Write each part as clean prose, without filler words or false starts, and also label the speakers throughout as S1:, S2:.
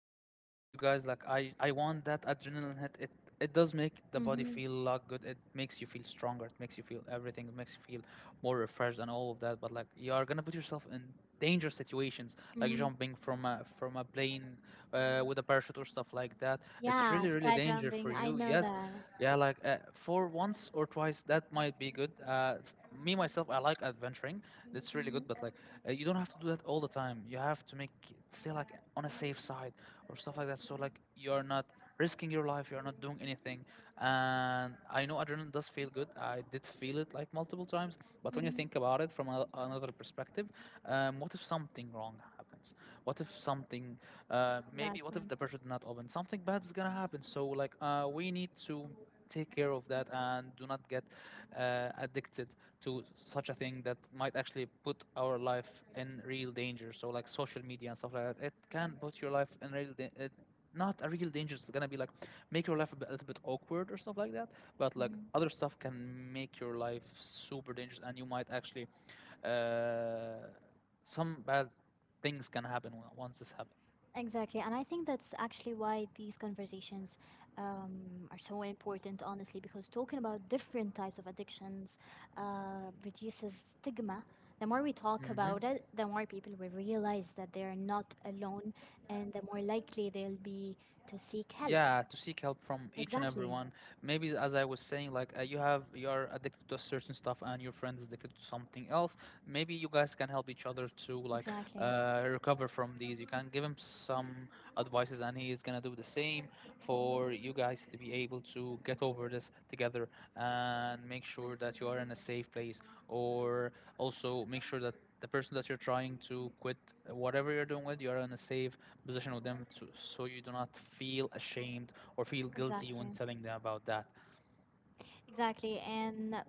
S1: sometimes you guys, like I want that adrenaline hit. It does make the body
S2: Mm-hmm.
S1: feel a lot good, it makes you feel stronger, it makes you feel everything, it makes you feel more refreshed and all of that. But like you are gonna put yourself in dangerous situations, like
S2: Mm-hmm.
S1: jumping from a plane with a parachute or stuff like that. It's
S2: Yeah,
S1: really really
S2: sky
S1: danger for
S2: jumping. I
S1: you,
S2: know
S1: yes.
S2: that.
S1: Yeah, like for once or twice that might be good. Me myself, I like adventuring. It's really good,
S2: Mm-hmm.
S1: but like you don't have to do that all the time. You have to make stay like on a safe side or stuff like that. So like you're not risking your life. You're not doing anything. And I know adrenaline does feel good. I did feel it like multiple times. But when you think
S2: Mm-hmm.
S1: about it from another perspective, what if something wrong happens? What if something? Maybe what if
S2: Exactly.
S1: the pressure did not open? Something bad is gonna happen. So like we need to take care of that and do not get addicted to such a thing that might actually put our life in real danger. So like social media and stuff like that, it can put your life in real it, not a real danger. It's gonna be like make your life a little bit awkward or stuff like that. But like
S2: Mm-hmm.
S1: other stuff can make your life super dangerous, and you might actually uh, some bad things can happen once this happens.
S2: Exactly. And I think that's actually why these conversations are so important, honestly, because talking about different types of addictions reduces stigma. The more we talk
S1: Hmm.
S2: about it, the more people will realize that they are not alone and the more likely they'll be to seek help.
S1: Yeah, to seek help from each and
S2: Exactly.
S1: everyone. Maybe as I was saying, like you have you are addicted to a certain stuff, and your friend is addicted to something else. Maybe you guys can help each other to like
S2: Exactly.
S1: recover from these. You can give him some advices, and he is gonna do the same
S2: Hmm.
S1: for you guys to be able to get over this together and make sure that you are in a safe place, or also make sure that the person that you're trying to quit whatever you're doing with, you're in a safe position with them to, so you do not feel ashamed or feel guilty when
S2: Exactly.
S1: telling them about that.
S2: Exactly, and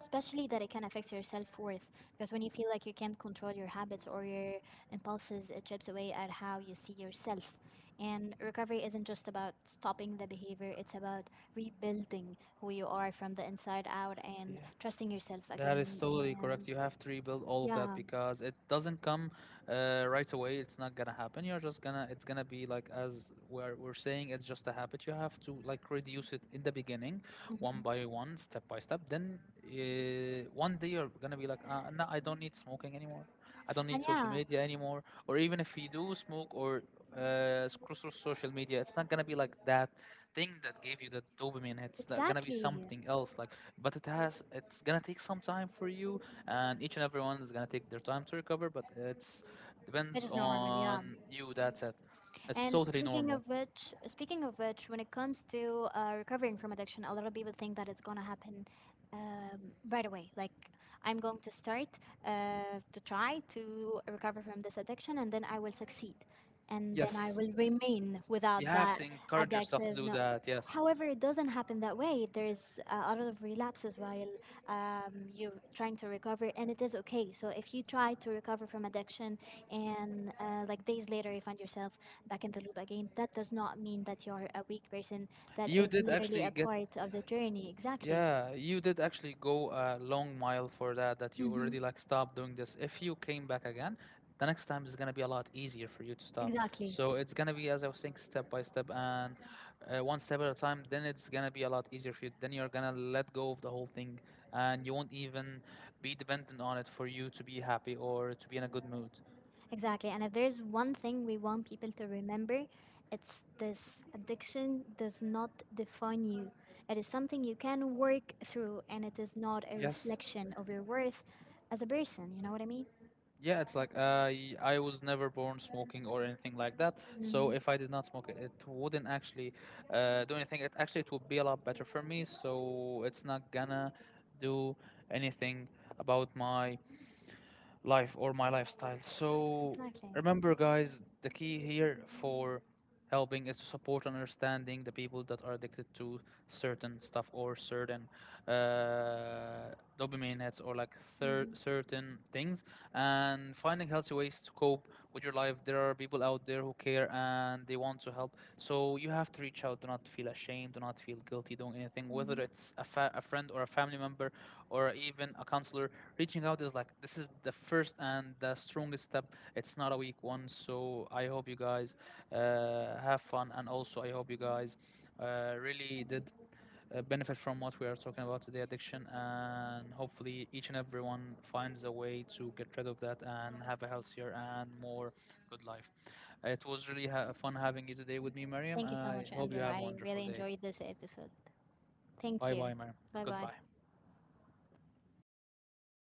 S2: especially that it can affect your self worth because when you feel like you can't control your habits or your impulses, it chips away at how you see yourself. And recovery isn't just about stopping the behavior, it's about rebuilding who you are from the inside out and
S1: Yeah.
S2: trusting yourself
S1: That is
S2: again.
S1: totally correct.
S2: And
S1: You have to rebuild all of that
S2: yeah,
S1: because it doesn't come right away. It's not gonna happen. You're just gonna. It's gonna be like as we're saying. It's just a habit. You have to like reduce it in the beginning, one
S2: mhm,
S1: by one, step by step. Then one day you're gonna be like, no, I don't need smoking anymore. I don't need
S2: and
S1: social
S2: yeah,
S1: media anymore. Or even if you do smoke or scroll through social media, it's not gonna be like that thing that gave you the dopamine, it's not gonna be
S2: exactly.
S1: something else like, but it's gonna take some time for you, and each and everyone is gonna take their time to recover, but it's
S2: It
S1: depends
S2: is normal, yeah.
S1: on you. That's it. It's
S2: And
S1: totally
S2: speaking
S1: normal.
S2: of which, speaking of which, when it comes to recovering from addiction, a lot of people think that it's gonna happen right away. Like I'm going to start to try to recover from this addiction, and then I will succeed, and then I
S1: Yes,
S2: will remain
S1: you
S2: without
S1: have
S2: that
S1: to encourage yourself to
S2: addictive.
S1: do
S2: No.
S1: that, yes.
S2: However, it doesn't happen that way. There's a lot of relapses while you're trying to recover, and it is okay. So if you try to recover from addiction and like days later you find yourself back in the loop again, that does not mean that you're a weak person. That
S1: you
S2: is
S1: did
S2: literally
S1: actually
S2: a
S1: get
S2: part of the journey. Exactly.
S1: Yeah, you did actually go a long mile for that, that you
S2: Mm-hmm.
S1: already like stopped doing this. If you came back again, the next time is gonna be a lot easier for you to stop.
S2: Exactly.
S1: So it's gonna be, as I was saying, step by step, and one step at a time. Then it's gonna be a lot easier for you. Then you're gonna let go of the whole thing, and you won't even be dependent on it for you to be happy or to be in a good mood.
S2: Exactly. And if there's one thing we want people to remember, it's this: addiction does not define you. It is something you can work through, and it is not a
S1: Yes.
S2: reflection of your worth as a person. You know what I mean?
S1: Yeah, it's like I was never born smoking or anything like that. So
S2: Mm-hmm.
S1: if I did not smoke, it wouldn't actually do anything. It actually, it would be a lot better for me. So it's not gonna do anything about my life or my lifestyle. So
S2: Exactly.
S1: remember, guys, the key here for helping is to support and understanding the people that are addicted to certain stuff or certain uh, dopamine hits or like
S2: Mm-hmm.
S1: certain things, and finding healthy ways to cope with your life. There are people out there who care and they want to help. So you have to reach out. Do not feel ashamed. Do not feel guilty doing anything. Whether
S2: Mm-hmm.
S1: it's a friend or a family member or even a counselor, reaching out is like this is the first and the strongest step. It's not a weak one. So I hope you guys have fun, and also I hope you guys really did benefit from what we are talking about today, addiction, and hopefully each and everyone finds a way to get rid of that and have a healthier and more good life. It was really fun having you today with me, Mariam.
S2: Thank you so
S1: I
S2: much,
S1: hope you
S2: Andrew.
S1: have a
S2: I
S1: wonderful
S2: really
S1: day.
S2: enjoyed this episode. Thank
S1: Bye
S2: you.
S1: bye, Mariam.
S2: Bye bye.
S1: Goodbye.